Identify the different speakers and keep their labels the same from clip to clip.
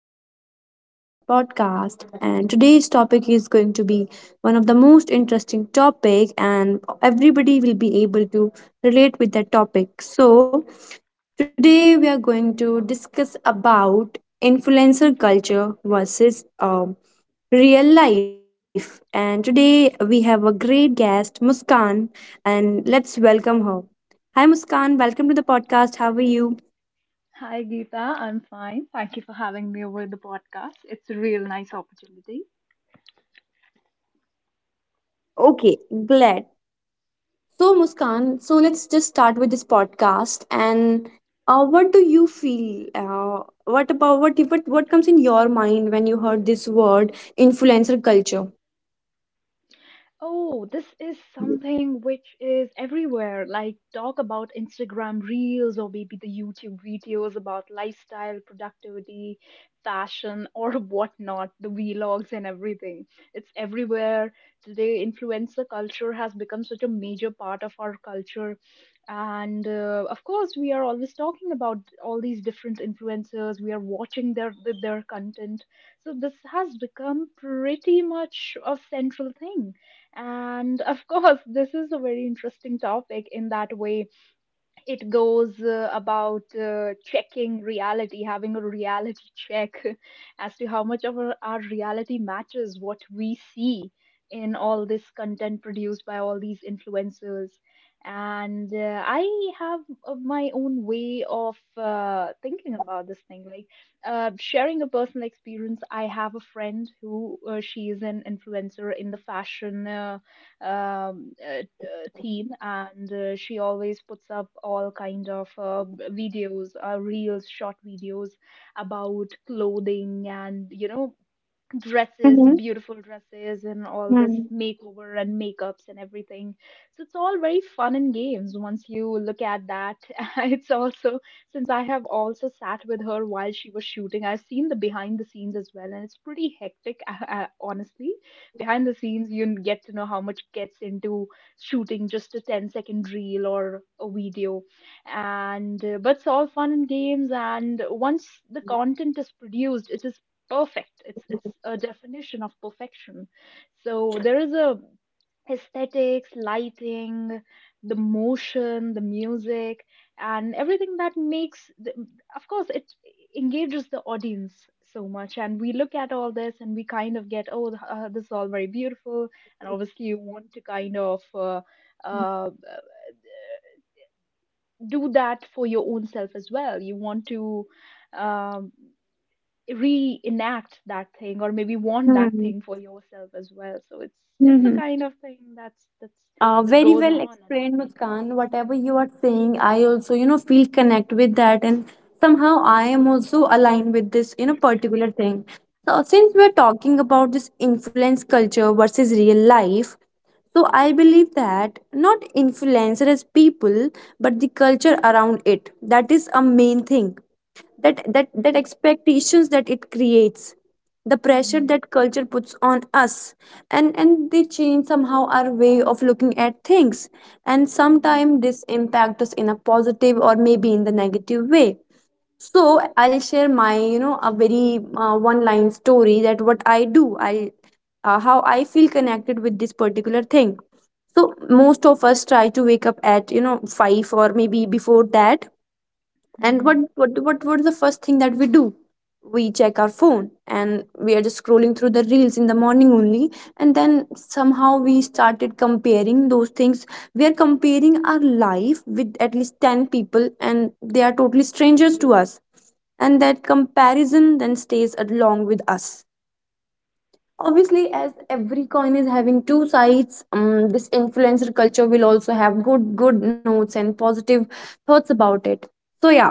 Speaker 1: another episode of our podcast. And today's topic is going to be one of the most interesting topic, and everybody will be able to relate with that topic. So, today we are going to discuss about influencer culture versus real life. And today we have a great guest, Muskan, and let's welcome her. Hi, Muskan. Welcome to the podcast. How are you?
Speaker 2: Hi, Geeta. I'm fine. Thank you for having me over the podcast. It's a real nice opportunity.
Speaker 1: Okay, glad. So, Muskan, so let's just start with this podcast. And what do you feel? What about what comes in your mind when you heard this word influencer culture?
Speaker 2: Oh, this is something which is everywhere. Like, talk about Instagram Reels or maybe the YouTube videos about lifestyle, productivity, fashion, or whatnot, the vlogs and everything. It's everywhere. Today, influencer culture has become such a major part of our culture. And of course, we are always talking about all these different influencers. We are watching their content. So, this has become pretty much a central thing, and of course, this is a very interesting topic in that way. It goes about checking reality, having a reality check as to how much of our reality matches what we see in all this content produced by all these influencers. And I have my own way of thinking about this thing. Like, sharing a personal experience, I have a friend who, she is an influencer in the fashion, theme, and she always puts up all kind of videos, reels, short videos about clothing and, you know, dresses,
Speaker 1: Mm-hmm.
Speaker 2: beautiful dresses, and all this
Speaker 1: Mm-hmm.
Speaker 2: makeover and makeups and everything. So it's all very fun and games once you look at that. It's also, since I have also sat with her while she was shooting, I've seen the behind the scenes as well, and it's pretty hectic, honestly. Behind the scenes, you get to know how much gets into shooting just a 10 second reel or a video. And but it's all fun and games, and once the content is produced, it is perfect it's a definition of perfection. So there is a aesthetics, lighting, the motion, the music, and everything that makes the, of course it engages the audience so much, and we look at all this and we kind of get, oh, this is all very beautiful, and obviously you want to kind of uh, do that for your own self as well. You want to um, reenact that thing, or maybe want that
Speaker 1: Mm-hmm.
Speaker 2: thing for yourself as well. So it's a
Speaker 1: Mm-hmm.
Speaker 2: kind of thing that's that
Speaker 1: Very
Speaker 2: goes
Speaker 1: well
Speaker 2: on and
Speaker 1: explained, Muskan. Whatever you are saying, I also, feel connect with that, and somehow I am also aligned with this, particular thing. So, since we're talking about this influence culture versus real life, so I believe that not influencer as people, but the culture around it. That is a main thing that that
Speaker 2: Mhm.
Speaker 1: expectations that it creates, the pressure
Speaker 2: Mhm.
Speaker 1: that culture puts on us, and they change somehow our way of looking at things, and sometimes
Speaker 2: Mhm.
Speaker 1: this impact us in a positive or maybe in the negative way. So I'll share my a very one line story that what I do, I, how I feel connected with this particular thing. So most of us try to wake up at 5 or maybe before that,
Speaker 2: Mhm.
Speaker 1: and what
Speaker 2: Mhm.
Speaker 1: what what what is the first thing that we do? We check our phone and we are just scrolling through the reels in the morning only. And then somehow we started comparing those things. We are comparing our life with at least 10 people, and they are totally strangers to us, and that comparison then stays along with us. Obviously, as every coin is having two sides, this influencer culture will also have good notes and positive thoughts about it, so yeah.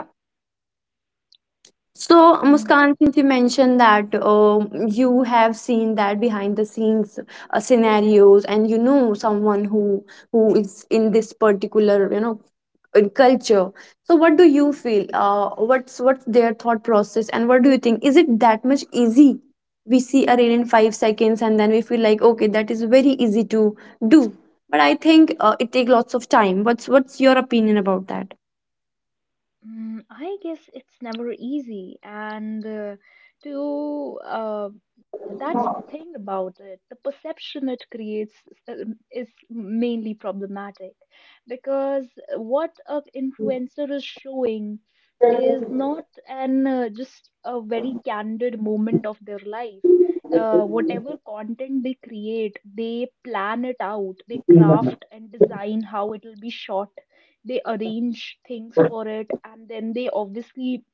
Speaker 1: So,
Speaker 2: Mhm.
Speaker 1: Muskan, since you mentioned that you have seen that behind the scenes scenarios, and you know someone who is in this particular, you know, in culture. So, what do you feel? What's their thought process, and what do you think? Is it that much easy? We see a reel in 5 seconds, and then we feel like okay, that is very easy to do. But I think it takes lots of time. What's your opinion about that?
Speaker 2: Mm, I guess it's never easy, and to that's the thing about it. The perception it creates is mainly problematic, because what an influencer is showing is not an just a very candid moment of their life. Whatever content they create, they plan it out, they craft and design how it will be shot. They arrange things for it, and then they obviously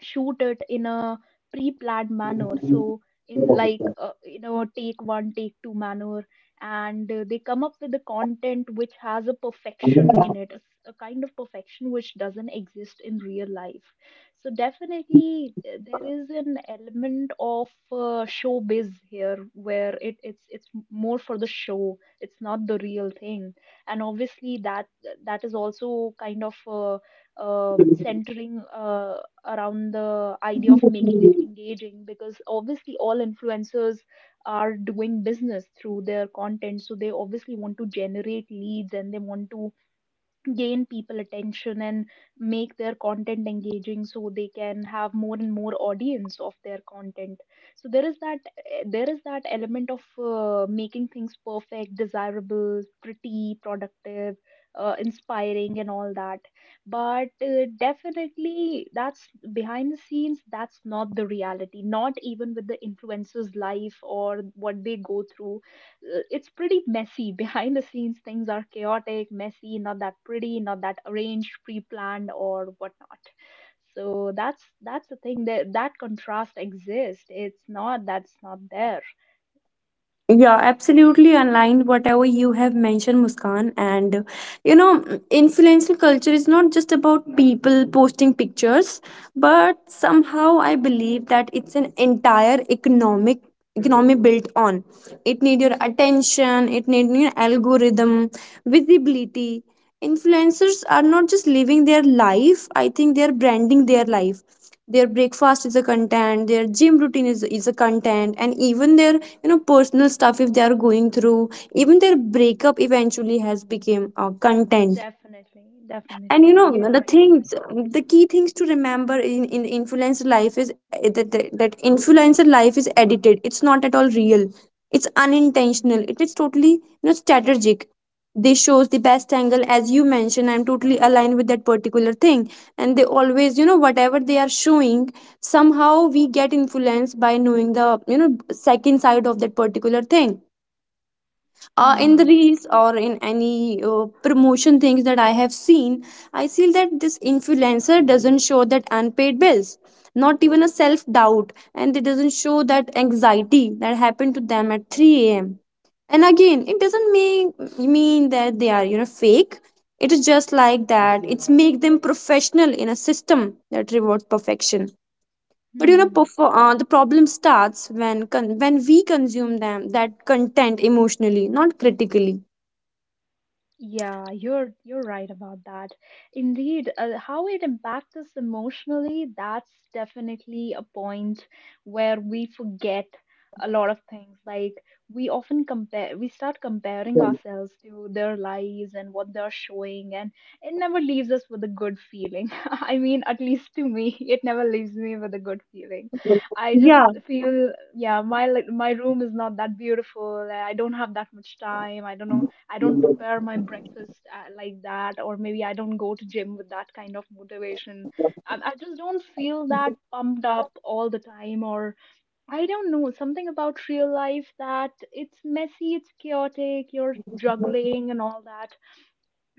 Speaker 2: shoot it in a pre-planned manner. So in, like, you know, take one, take two manner, and they come up with the content, which has a perfection in it. It's a kind of perfection which doesn't exist in real life. So definitely, there is an element of showbiz here, where it's more for the show, it's not the real thing. And obviously, that is also kind of centering around the idea of making it engaging, because obviously all influencers are doing business through their content, so they obviously want to generate leads, and they want to gain people attention and make their content engaging so they can have more and more audience of their content. So there is that, there is that element of making things perfect, desirable, pretty, productive, inspiring, and all that. But definitely, that's behind the scenes. That's not the reality, not even with the influencers life or what they go through. It's pretty messy. Behind the scenes, things are chaotic, messy, not that pretty, not that arranged, pre-planned, or whatnot. So that's the thing, that that contrast exists. It's not, that's not there.
Speaker 1: Yeah,
Speaker 2: Yeah,
Speaker 1: absolutely aligned whatever you have mentioned, Muskan. And you know, influential culture is not just about people posting pictures, but somehow I believe that it's an entire economic economy built on. It need your attention, it need your algorithm, visibility. Influencers are not just living their life, I think they are branding their life. Their breakfast is a content, their gym routine is a content, and even their, you know, personal stuff if they are going through, even their breakup eventually has become content.
Speaker 2: definitely,
Speaker 1: And you
Speaker 2: definitely,
Speaker 1: know,
Speaker 2: you're
Speaker 1: the
Speaker 2: right, you're right.
Speaker 1: things, the key things to remember in influencer life is that influencer life is edited, it's not at all real. It's unintentional,
Speaker 2: Mm-hmm.
Speaker 1: it is totally, you know, strategic. They shows the best angle, as you mentioned, I'm totally aligned with that particular thing. And they always, you know, whatever they are showing, somehow we get influenced by knowing the, you know, second side of that particular thing. In the
Speaker 2: Mm-hmm.
Speaker 1: reels or in any promotion things that I have seen, I feel that this influencer doesn't show that unpaid bills, not even a self doubt, and it doesn't show that anxiety that happened to them at 3 a.m. And again, it doesn't mean that they are, you know, fake. It is just like that, it's make them professional in a system that rewards perfection. But you know,
Speaker 2: Mm-hmm.
Speaker 1: the problem starts when when we consume them that content emotionally, not critically.
Speaker 2: Yeah, you're right about that. Indeed, how it impacts us emotionally, that's definitely a point where we forget a lot of things. Like, we often compare, we start comparing ourselves to their lives and what they're showing, and it never leaves us with a good feeling. I mean, at least to me, it never leaves me with a good feeling. I just
Speaker 1: Yeah,
Speaker 2: feel, yeah, my my room is not that beautiful. I don't have that much time. I don't know, I don't prepare my breakfast like that, or maybe I don't go to gym with that kind of motivation. I just don't feel that pumped up all the time, or I don't know, something about real life, that it's messy, it's chaotic, you're juggling and all that.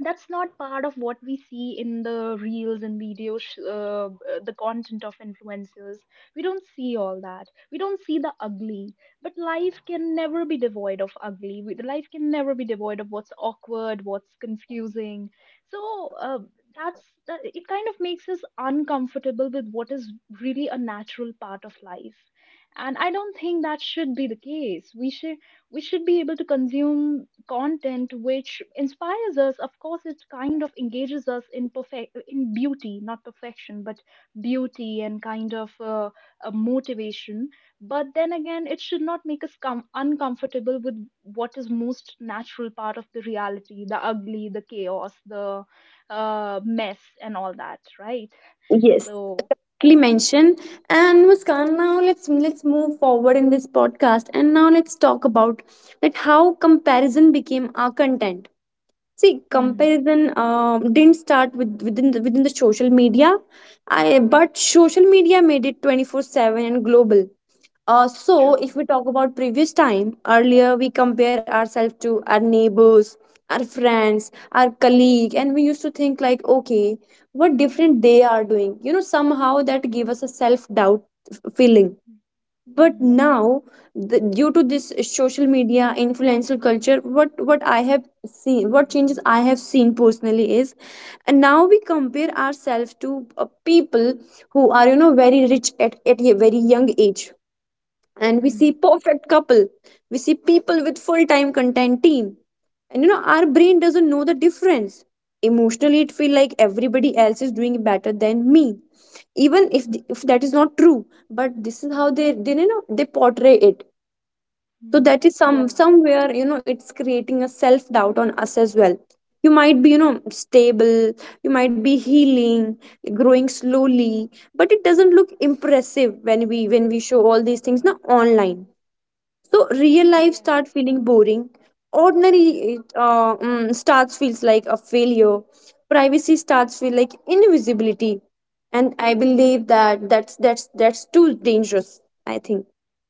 Speaker 2: That's not part of what we see in the reels and videos, the content of influencers. We don't see all that. We don't see the ugly, but life can never be devoid of ugly. Life can never be devoid of what's awkward, what's confusing. So that's that, it kind of makes us uncomfortable with what is really a natural part of life. And I don't think that should be the case. We should be able to consume content which inspires us. Of course, it kind of engages us in perfect, in beauty, not perfection, but beauty, and kind of a motivation. But then again, it should not make us uncomfortable with what is most natural part of the reality, the ugly, the chaos, the mess, and all that, right?
Speaker 1: yes.
Speaker 2: So
Speaker 1: Quickly
Speaker 2: hmm,
Speaker 1: mention and Muskan. Now let's move forward in this podcast, and now let's talk about that how comparison became our content. See,
Speaker 2: hmm,
Speaker 1: comparison didn't start with within the social media, I, but social media made it 24/7 and global. So,
Speaker 2: true.
Speaker 1: if we talk about previous time, earlier we compare ourselves to our neighbors, our friends, our colleague, and we used to think like, okay, what different they are doing. You know, somehow that gave us a self doubt feeling. But
Speaker 2: Hmm,
Speaker 1: now, the, due to this social media influential culture, what I have seen, what changes I have seen personally is, and now we compare ourselves to people who are, you know, very rich at a very young age, and we
Speaker 2: hmm, hmm,
Speaker 1: see perfect couple, we see people with full-time content team, and you know our brain doesn't know the difference. Emotionally it feel like everybody else is doing better than me, even if that is not true. But this is how they, you know, they portray it. So
Speaker 2: hmm.
Speaker 1: that is
Speaker 2: Yeah,
Speaker 1: somewhere, you know, it's creating a self doubt on us as well. You might be, you know, stable, you might be healing, growing slowly, but it doesn't look impressive when we show all these things now online, so real life
Speaker 2: yeah,
Speaker 1: start feeling boring.
Speaker 2: yeah.
Speaker 1: Ordinary starts feels like a failure. Privacy starts feel like invisibility, and I believe that that's too dangerous, I think.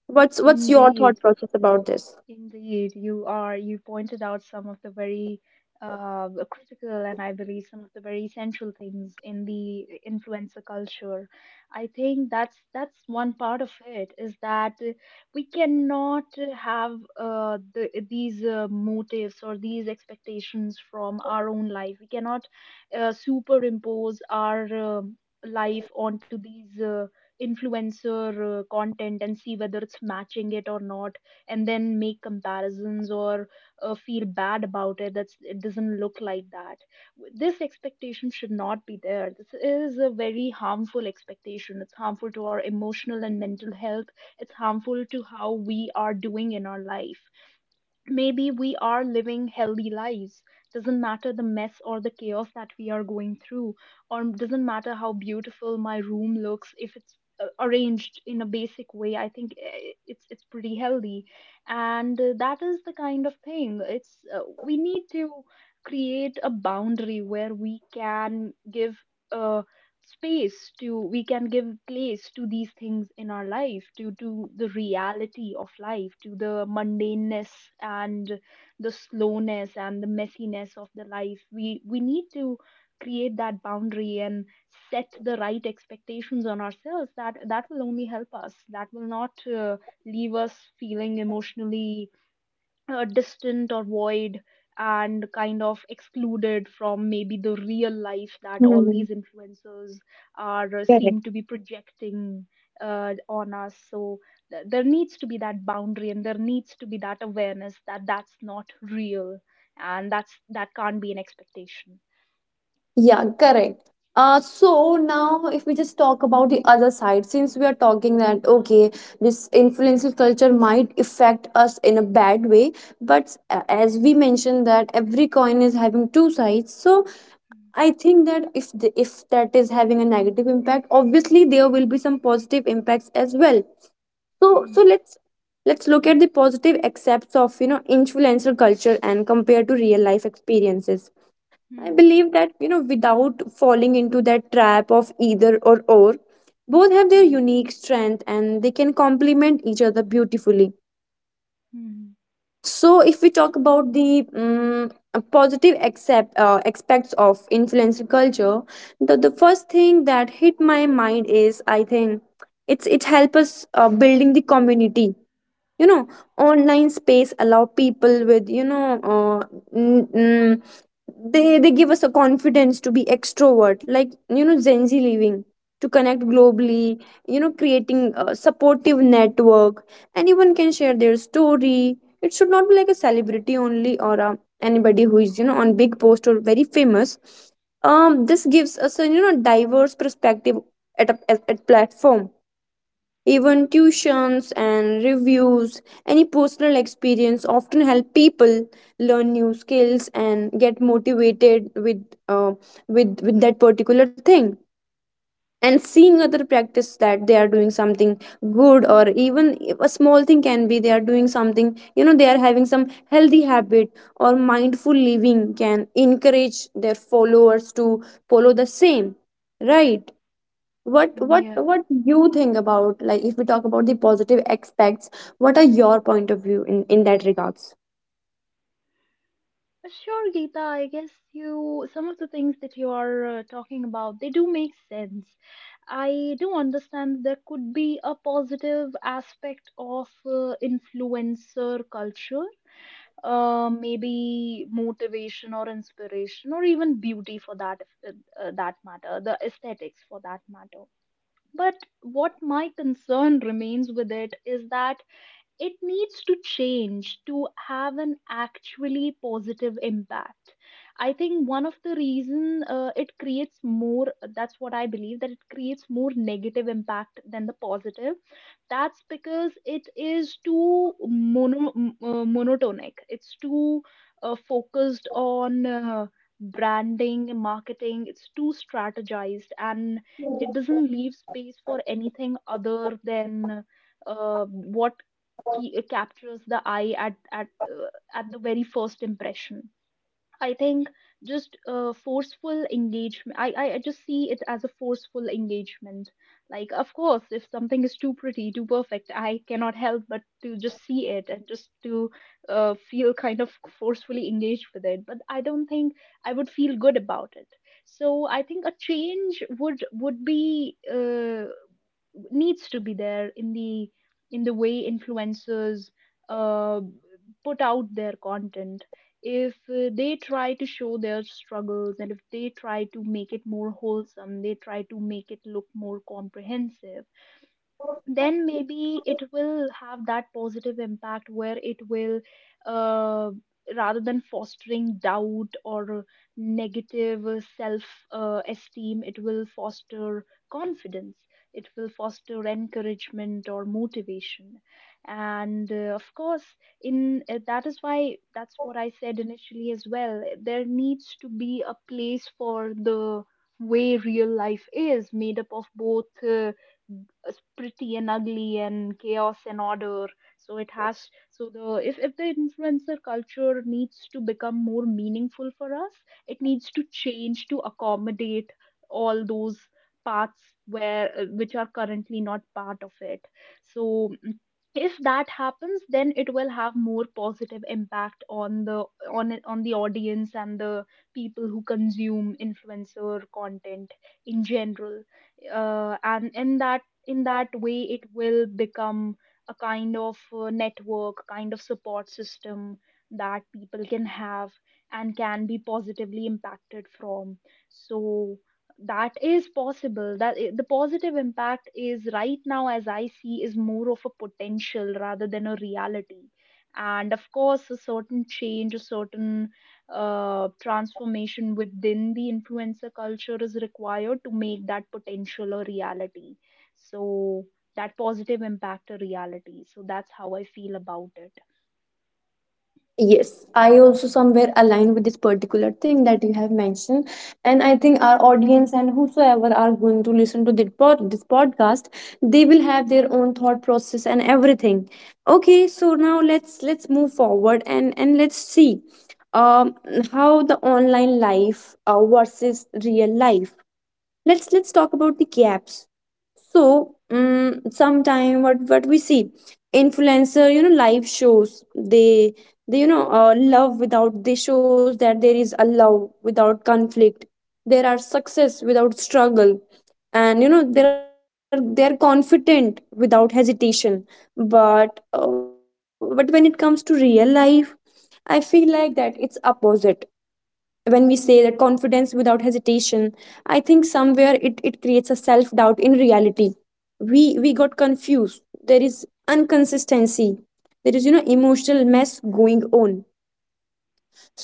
Speaker 1: What's your thought
Speaker 2: Indeed,
Speaker 1: process about this?
Speaker 2: indeed, you are. You pointed out some of the very critical, and I believe some of the very essential things in the influencer culture. I think that's one part of it, is that we cannot have these motives or these expectations from our own life. We cannot superimpose our life onto these influencer content and see whether it's matching it or not, and then make comparisons or feel bad about it, that's, it doesn't look like that. This expectation should not be there. This is a very harmful expectation. It's harmful to our emotional and mental health. It's harmful to how we are doing in our life. Maybe we are living healthy lives. Doesn't matter the mess or the chaos that we are going through, or doesn't matter how beautiful my room looks. If it's arranged in a basic way, I think, it's pretty healthy. And that is the kind of thing. It's We need to create a boundary where we can give uh, space to we can give place to these things in our life, to the reality of life, to the mundaneness and the slowness and the messiness of the life. We need to create that boundary and set the right expectations on ourselves. That that will only help us. That will not leave us feeling emotionally distant or void, and kind of excluded from maybe the real life that all
Speaker 1: Hmm.
Speaker 2: these influencers are seem
Speaker 1: Correct.
Speaker 2: to be projecting on us. So there needs to be that boundary, and there needs to be that awareness that that's not real, and that's, that can't be an expectation.
Speaker 1: Yeah, correct. So now if we just talk about the other side, since we are talking that okay, this influencer culture might affect us in a bad way, but as we mentioned that every coin is having two sides, so I think that if the, if that is having a negative impact, obviously there will be some positive impacts as well. So
Speaker 2: Mm,
Speaker 1: let's look at the positive aspects of, you know, influencer culture and compare to real
Speaker 2: mm,
Speaker 1: life experiences. I
Speaker 2: mm,
Speaker 1: believe that, you know, without falling into that trap of either or, both have their
Speaker 2: mm,
Speaker 1: unique strength and they can complement each other beautifully.
Speaker 2: mm, mm.
Speaker 1: So, if we
Speaker 2: Yeah.
Speaker 1: talk about the positive aspects of influencer culture, the first thing that hit my mind is I think it's it helps us building the community. You know, online space allow people with, you know, n- they give us a confidence to be extrovert, like, you know, gen z living, to connect
Speaker 2: Mm.
Speaker 1: globally, you know, creating a supportive network. Anyone can share their story, it should not be like a celebrity only, or anybody who is, you know, on big post or very famous. This gives us a, you know, diverse perspective at at platform. Even tuitions and reviews, any personal experience often help people learn new skills and get motivated with uh, with that particular thing. And seeing other practice that they are doing something good, or even if a small thing can be they are doing something, you know, they are having some healthy habit or mindful living, can encourage their followers to follow the same, right? What
Speaker 2: Yeah.
Speaker 1: you think about, like, if we talk about the positive aspects, what are your point of view in that regards?
Speaker 2: Sure, Geeta, I guess you, some of the things that you are talking about, they do make sense. I do understand there could be a positive aspect of influencer culture, maybe motivation or inspiration, or even beauty for uh, that matter, the aesthetics for that matter. But what my concern remains with it is that it needs to change to have an actually positive impact. I think one of the reason, it creates more that's what I believe, that it creates more negative impact than the positive. That's because it is too monotonic. It's too focused on branding, marketing. It's too strategized, and it doesn't leave space for anything other than what captures the eye at the very first impression. I think just forceful engagement. I just see it as a forceful engagement. Like, of course, if something is too pretty, too perfect, I cannot help but to just see it, and just to feel kind of forcefully engaged with it. But I don't think I would feel good about it. So I think a change would be needs to be there in the way influencers uh, put out their content if they try to show their struggles, and if they try to make it more wholesome, they try to make it look more comprehensive, then maybe it will have that positive impact where it will, uh, rather than fostering doubt or negative self esteem, it will foster confidence, it will foster encouragement or motivation. And of course, in that is why, that's what I said initially as well, there needs to be a place for the way real life is made up of both, as pretty and ugly and chaos and order. So it has, so the if the influencer culture needs to become more meaningful for us, it needs to change to accommodate all those parts where which are currently not part of it. So if that happens, then it will have more positive impact on the on it on the audience and the people who consume influencer content in general. Uh, and in that way, it will become a kind of network kind of support system that people can have and can be positively impacted from. So that is possible. The positive impact is right now, as I see, is more of a potential rather than a reality. And of course, a certain change, a certain transformation within the influencer culture is required to make that potential a reality. So that positive impact a reality. So that's how I feel about it.
Speaker 1: Yes, I also somewhere align with this particular thing that you have mentioned, and I think our audience and whosoever are going to listen to this, this podcast, they will have their own thought process and everything. Okay, so now let's move forward and let's see, um how the online life versus real life, let's talk about the gaps. So sometime what we see, influencer, you know, live shows, they, you know, love without they shows that there is a love without conflict, there are success without struggle, and you know they're confident without hesitation. But but when it comes to real life, I feel like that it's opposite. When we say that confidence without hesitation, I think somewhere it creates a self-doubt in reality, we got confused. There is inconsistency, there is, you know, emotional mess going on.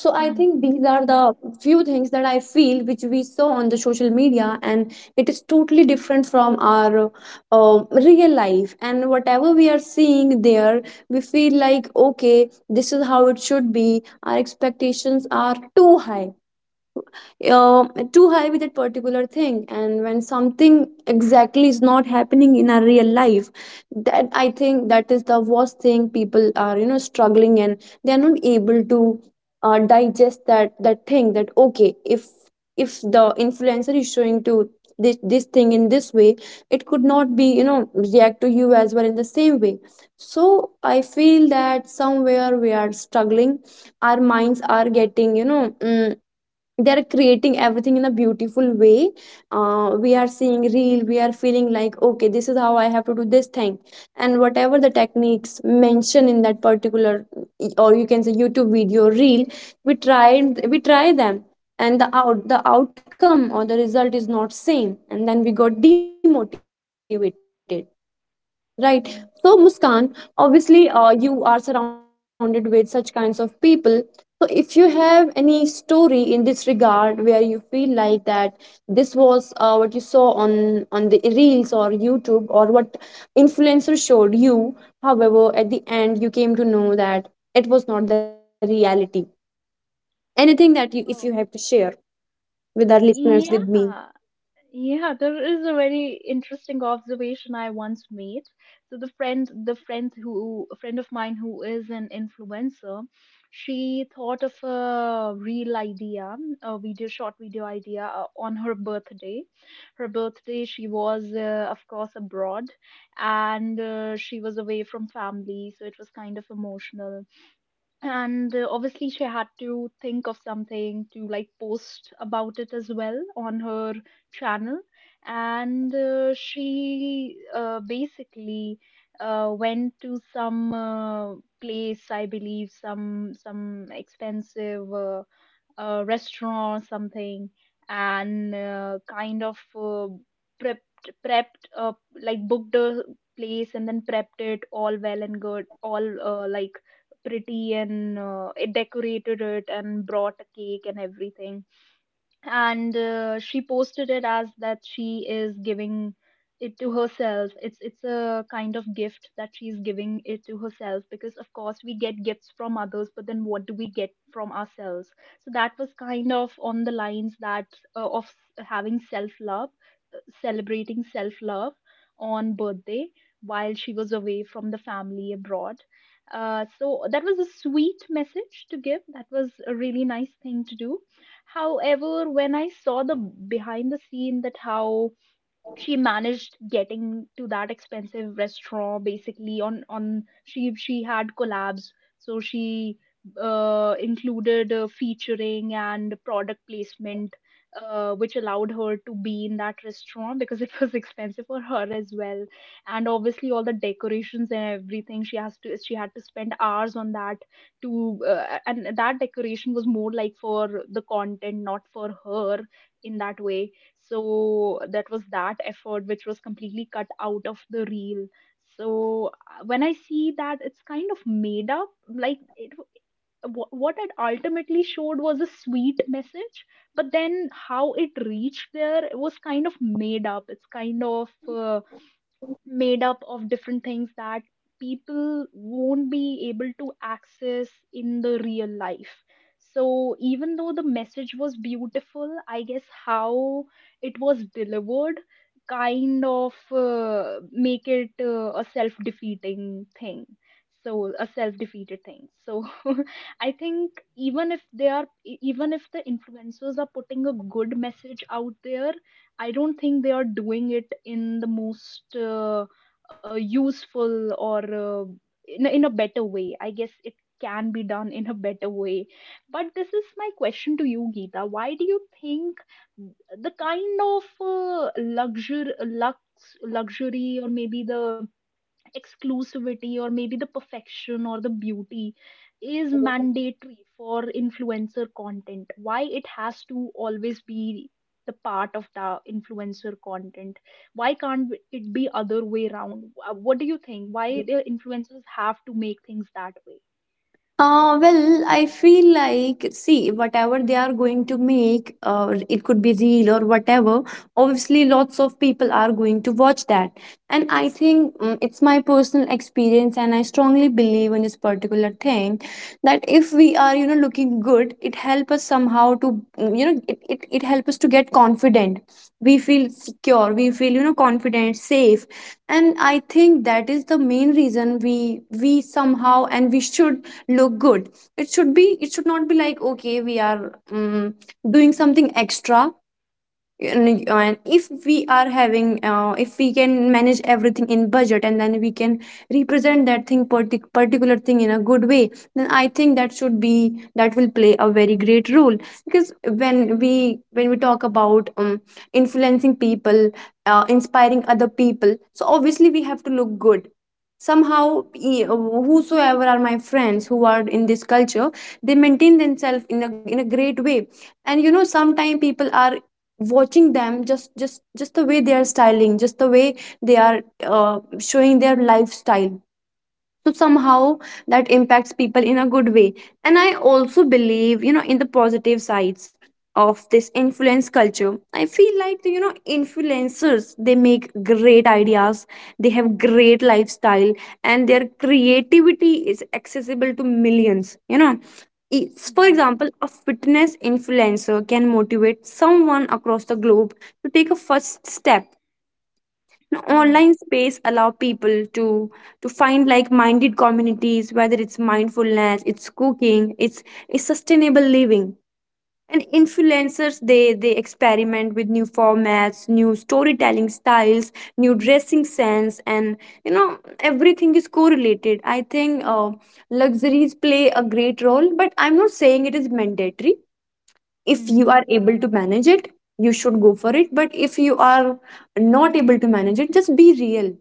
Speaker 1: So I
Speaker 2: Hmm.
Speaker 1: think these are the few things that I feel which we saw on the social media, and it is totally different from our uh, real life, and whatever we are seeing there, we feel like okay, this is how it should be. Our expectations are too high, uh, with that particular thing. And when something exactly is not happening in our real life, that I think that is the worst thing, people are, you know, struggling and they are not able
Speaker 2: Hmm.
Speaker 1: to digest that thing that okay, if the influencer is showing to this this thing in this way, it could not
Speaker 2: Hmm.
Speaker 1: be you know react to you as well in the same way. So I feel that somewhere we are struggling. Our minds are getting they are creating everything in a beautiful way. We
Speaker 2: Hmm.
Speaker 1: are seeing real, we are feeling like, okay, this is how I have to do this thing, and whatever
Speaker 2: Hmm.
Speaker 1: the techniques mentioned in that particular, or you can say YouTube video reel, we try them, and the outcome or the result is not same, and then we got demotivated. Right. So, Muskan, obviously,
Speaker 2: Hmm.
Speaker 1: you are
Speaker 2: Hmm. Hmm.
Speaker 1: surrounded with such kinds of people. So, if you have any
Speaker 2: Hmm.
Speaker 1: story in this regard where you feel like that this was what you saw on the reels or YouTube, or what influencer showed you, however, at the end you came to know that it was not the reality. Anything that you, if you
Speaker 2: Oh.
Speaker 1: have to share with our listeners, with me.
Speaker 2: Yeah, yeah, there is a very interesting observation I once made. So a friend of mine who is an influencer, she thought of a real idea, a video, short video idea on her birthday. Her birthday, she was of course abroad, and she was away from family, so it was kind of emotional. And obviously she had to think of something to like post about it as well on her channel. And she basically went to some, place I believe, some expensive a restaurant or something. And kind of prepped, prepped uh, like booked a place, and then prepped it all well and good, all like pretty. And it decorated it and brought a cake and everything. And she posted it as that she is giving it to herself, it's a kind of gift that she's giving it to herself, because of course we get gifts from others, but then what do we get from ourselves? So that was kind of on the lines that having self love, celebrating self love on birthday while she was away from the family abroad. Uh, so that was a sweet message to give, that was a really nice thing to do. However, when I saw the behind the scene, that how she managed getting to that expensive restaurant, basically on, she had collabs. So she included, featuring and product placement, which allowed her to be in that restaurant because it was expensive for her as well. And obviously all the decorations and everything, she had to spend hours on that to, and that decoration was more like for the content, not for her, in that way. So that was that effort which was completely cut out of the reel. So when I see that, it's kind of made up. Like what it ultimately showed was a sweet message, but then how it reached there, it was kind of made up. It's kind of made up of different things that people won't be able to access in the real life. So even though the message was beautiful, I guess how it was delivered kind of make it a self defeating thing. So a self defeated thing. So I think even if they are, even if the influencers are putting a good message out there, I don't think they are doing it in the most useful or in a better way. I guess it can be done in a better way. But this is my question to you, Geeta. Why do you think the kind of luxury, or maybe the exclusivity, or maybe the perfection or the beauty is mandatory for influencer content? Why it has to always be the part of the influencer content? Why can't it be other way around? What do you think, why the influencers have to make things that way?
Speaker 1: Well, I feel like, see, whatever they are going to make, it could be real or whatever. Obviously, lots of people are going to watch that. And I think it's my personal experience, and I strongly believe in this particular thing that if we are, you know, looking good, it helps us somehow to, you know, it helps us to get confident. We feel secure, we feel, you know, confident, safe. And I think that is the main reason we somehow and we should look good. It should be, it should not be like, okay, we are doing something extra. And, if we are having, if we can manage everything in budget, and then we can represent that particular thing in a good way, then I think that should be, that will play a very great role. Because when we talk about influencing people, inspiring other people, so obviously we have to look good somehow. Whosoever are my friends who are in this culture, they maintain themselves in a great way. And you know, sometimes people are watching them, just the way they are styling, just the way they are showing their lifestyle. So somehow that impacts people in a good way. And I also believe, you know, in the positive sides of this influence culture, I feel like, you know, influencers, they make great ideas, they have great lifestyle, and their creativity is accessible to millions, you know. It's, for
Speaker 2: Yeah.
Speaker 1: example, a fitness influencer can motivate someone across the globe to take a first step.
Speaker 2: Yeah.
Speaker 1: Online space allow people to find like-minded communities, whether it's mindfulness, it's cooking, it's sustainable living. And influencers, they experiment with new formats, new storytelling styles, new dressing sense. And you know, everything is correlated. I think luxuries play a great role, but I'm not saying it is mandatory. If you are able to manage it, you should go for it. But if you are not able to manage it, just be real.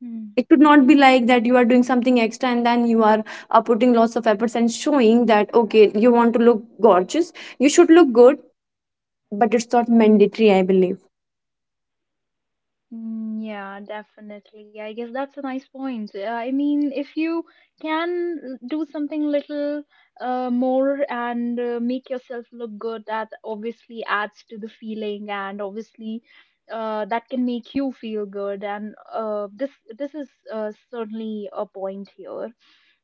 Speaker 2: Hmm.
Speaker 1: It could not be like that, you are doing something extra, and then you are putting lots of efforts and showing that, okay, you want to look gorgeous, you should look good. But it's not mandatory, I believe.
Speaker 2: Mm, yeah, definitely. I guess that's a nice point. I mean, if you can do something little more and make yourself look good, that obviously adds to the feeling, and obviously that can make you feel good. And this this is certainly a point here.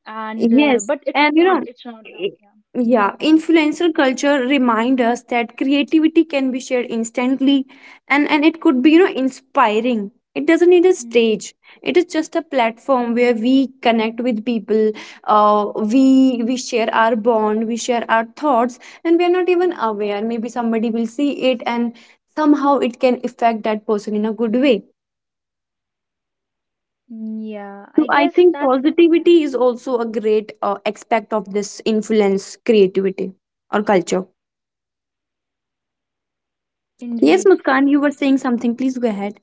Speaker 2: And
Speaker 1: Yes,
Speaker 2: but it
Speaker 1: and
Speaker 2: should
Speaker 1: you
Speaker 2: not.
Speaker 1: know,
Speaker 2: It should not. No, yeah,
Speaker 1: yeah,
Speaker 2: yeah.
Speaker 1: influencer culture remind us that creativity can be shared instantly, and it could be, you know, inspiring. It doesn't need a
Speaker 2: Mm, mm,
Speaker 1: stage. It is just a
Speaker 2: mm,
Speaker 1: platform where we connect with people. Uh,
Speaker 2: mm.
Speaker 1: we we share our bond, we share our thoughts, and we are not even
Speaker 2: Mm.
Speaker 1: aware. Maybe somebody will see it, and somehow it can affect that person in a good way.
Speaker 2: Yeah,
Speaker 1: So
Speaker 2: I
Speaker 1: I
Speaker 2: guess
Speaker 1: think
Speaker 2: that's yeah,
Speaker 1: positivity is also a great aspect of this influence creativity or culture. Yes,
Speaker 2: indeed.
Speaker 1: Muskan, you were saying something. Please go ahead.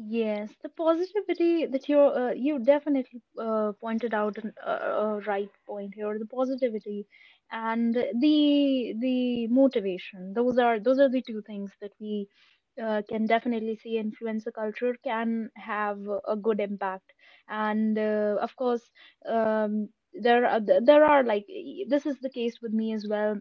Speaker 2: Yes, the positivity that you you definitely pointed out, a right point here. The positivity and the motivation, those are, those are the two things that we can definitely see. Influencer culture can have a good impact. And of course, um, there are, there are like, this is the case with me as well.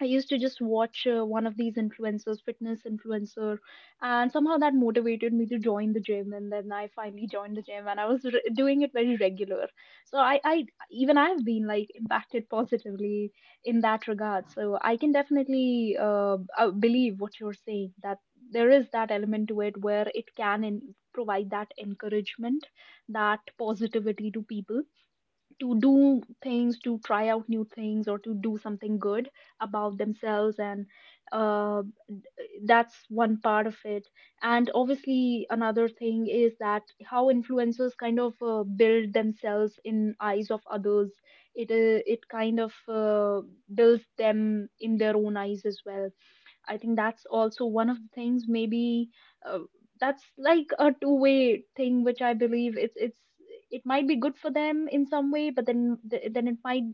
Speaker 2: I used to just watch one of these influencers, fitness influencer, and somehow that motivated me to join the gym. And then I finally joined the gym and I was doing it very regular. So I, I even I've been like impacted positively in that regard. So I can definitely believe what you're saying, that there is that element to it, where it can provide that encouragement, that positivity to people, to do things, to try out new things, or to do something good about themselves. And uh, that's one part of it. And obviously another thing is that how influencers kind of build themselves in eyes of others, it it kind of builds them in their own eyes as well. I think that's also one of the things. Maybe uh, that's like a two-way thing, which I believe it's it might be good for them in some way, but then then it might,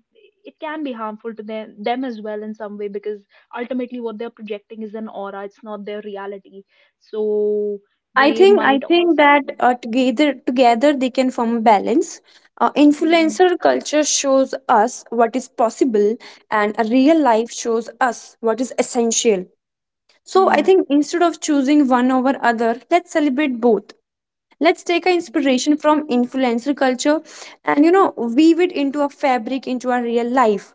Speaker 2: it can be harmful to them as well in some way, because ultimately what they're projecting is an aura, it's not their reality. So
Speaker 1: I
Speaker 2: they
Speaker 1: think I
Speaker 2: might
Speaker 1: think
Speaker 2: also
Speaker 1: that together they can form a balance.
Speaker 2: Hmm.
Speaker 1: Influencer culture shows us what is possible, and a
Speaker 2: Hmm.
Speaker 1: real life shows us what is essential. So
Speaker 2: Hmm.
Speaker 1: I
Speaker 2: Hmm.
Speaker 1: think, instead of choosing one over other, let's celebrate both. Let's take our
Speaker 2: Yeah.
Speaker 1: inspiration from influencer culture, and you know, weave it into a fabric into our real life.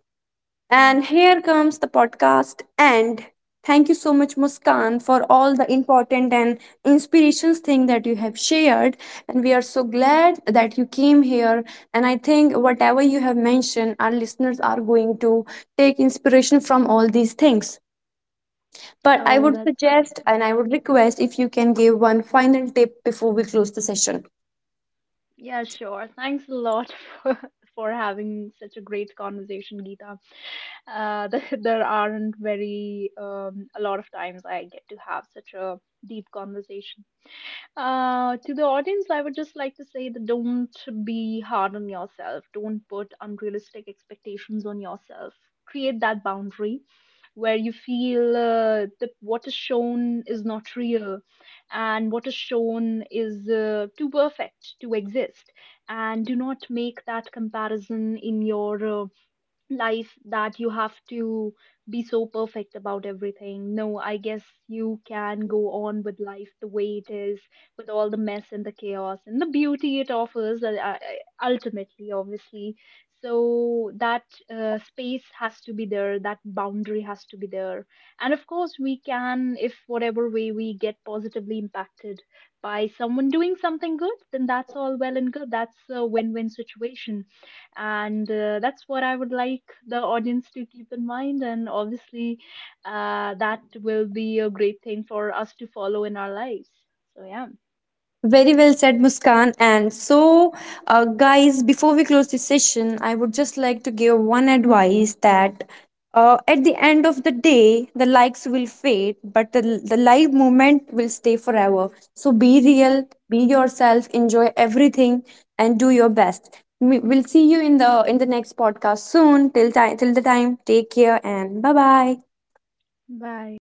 Speaker 2: Hmm.
Speaker 1: And here comes the podcast end. Thank you so much, Muskan, for all the important and inspirations thing that you have shared. And we are so glad that you came here. And I think whatever you have mentioned, our listeners are going to take inspiration from all these things. But I
Speaker 2: Oh,
Speaker 1: would
Speaker 2: that's true,
Speaker 1: suggest,
Speaker 2: yeah.
Speaker 1: and I would request, if you can give one final tip before we close the session.
Speaker 2: Yeah, sure. Thanks a lot for, for having such a great conversation, Geeta. There aren't very a lot of times I get to have such a deep conversation. Uh, to the audience, I would just like to say that, don't be hard on yourself. Don't put unrealistic expectations on yourself. Create that boundary where you feel that what is shown is not real, and what is shown is too perfect to exist. And do not make that comparison in your life, that you have to be so perfect about everything. No, I guess you can go on with life the way it is, with all the mess and the chaos and the beauty it offers, ultimately, obviously. So that space has to be there, that boundary has to be there. And of course, we can, if whatever way we get positively impacted by someone doing something good, then that's all well and good. That's a win win situation. And that's what I would like the audience to keep in mind. And obviously that will be a great thing for us to follow in our lives. So yeah.
Speaker 1: Very well said, Muskan. And so, guys, before we close this session, I would just like to give one advice that at the end of the day, the likes will fade, but the live movement will stay forever. So, be real, be yourself, enjoy everything, and do your best. We'll see you in the next podcast soon. Till time, till the time, take care, and bye bye.
Speaker 2: Bye.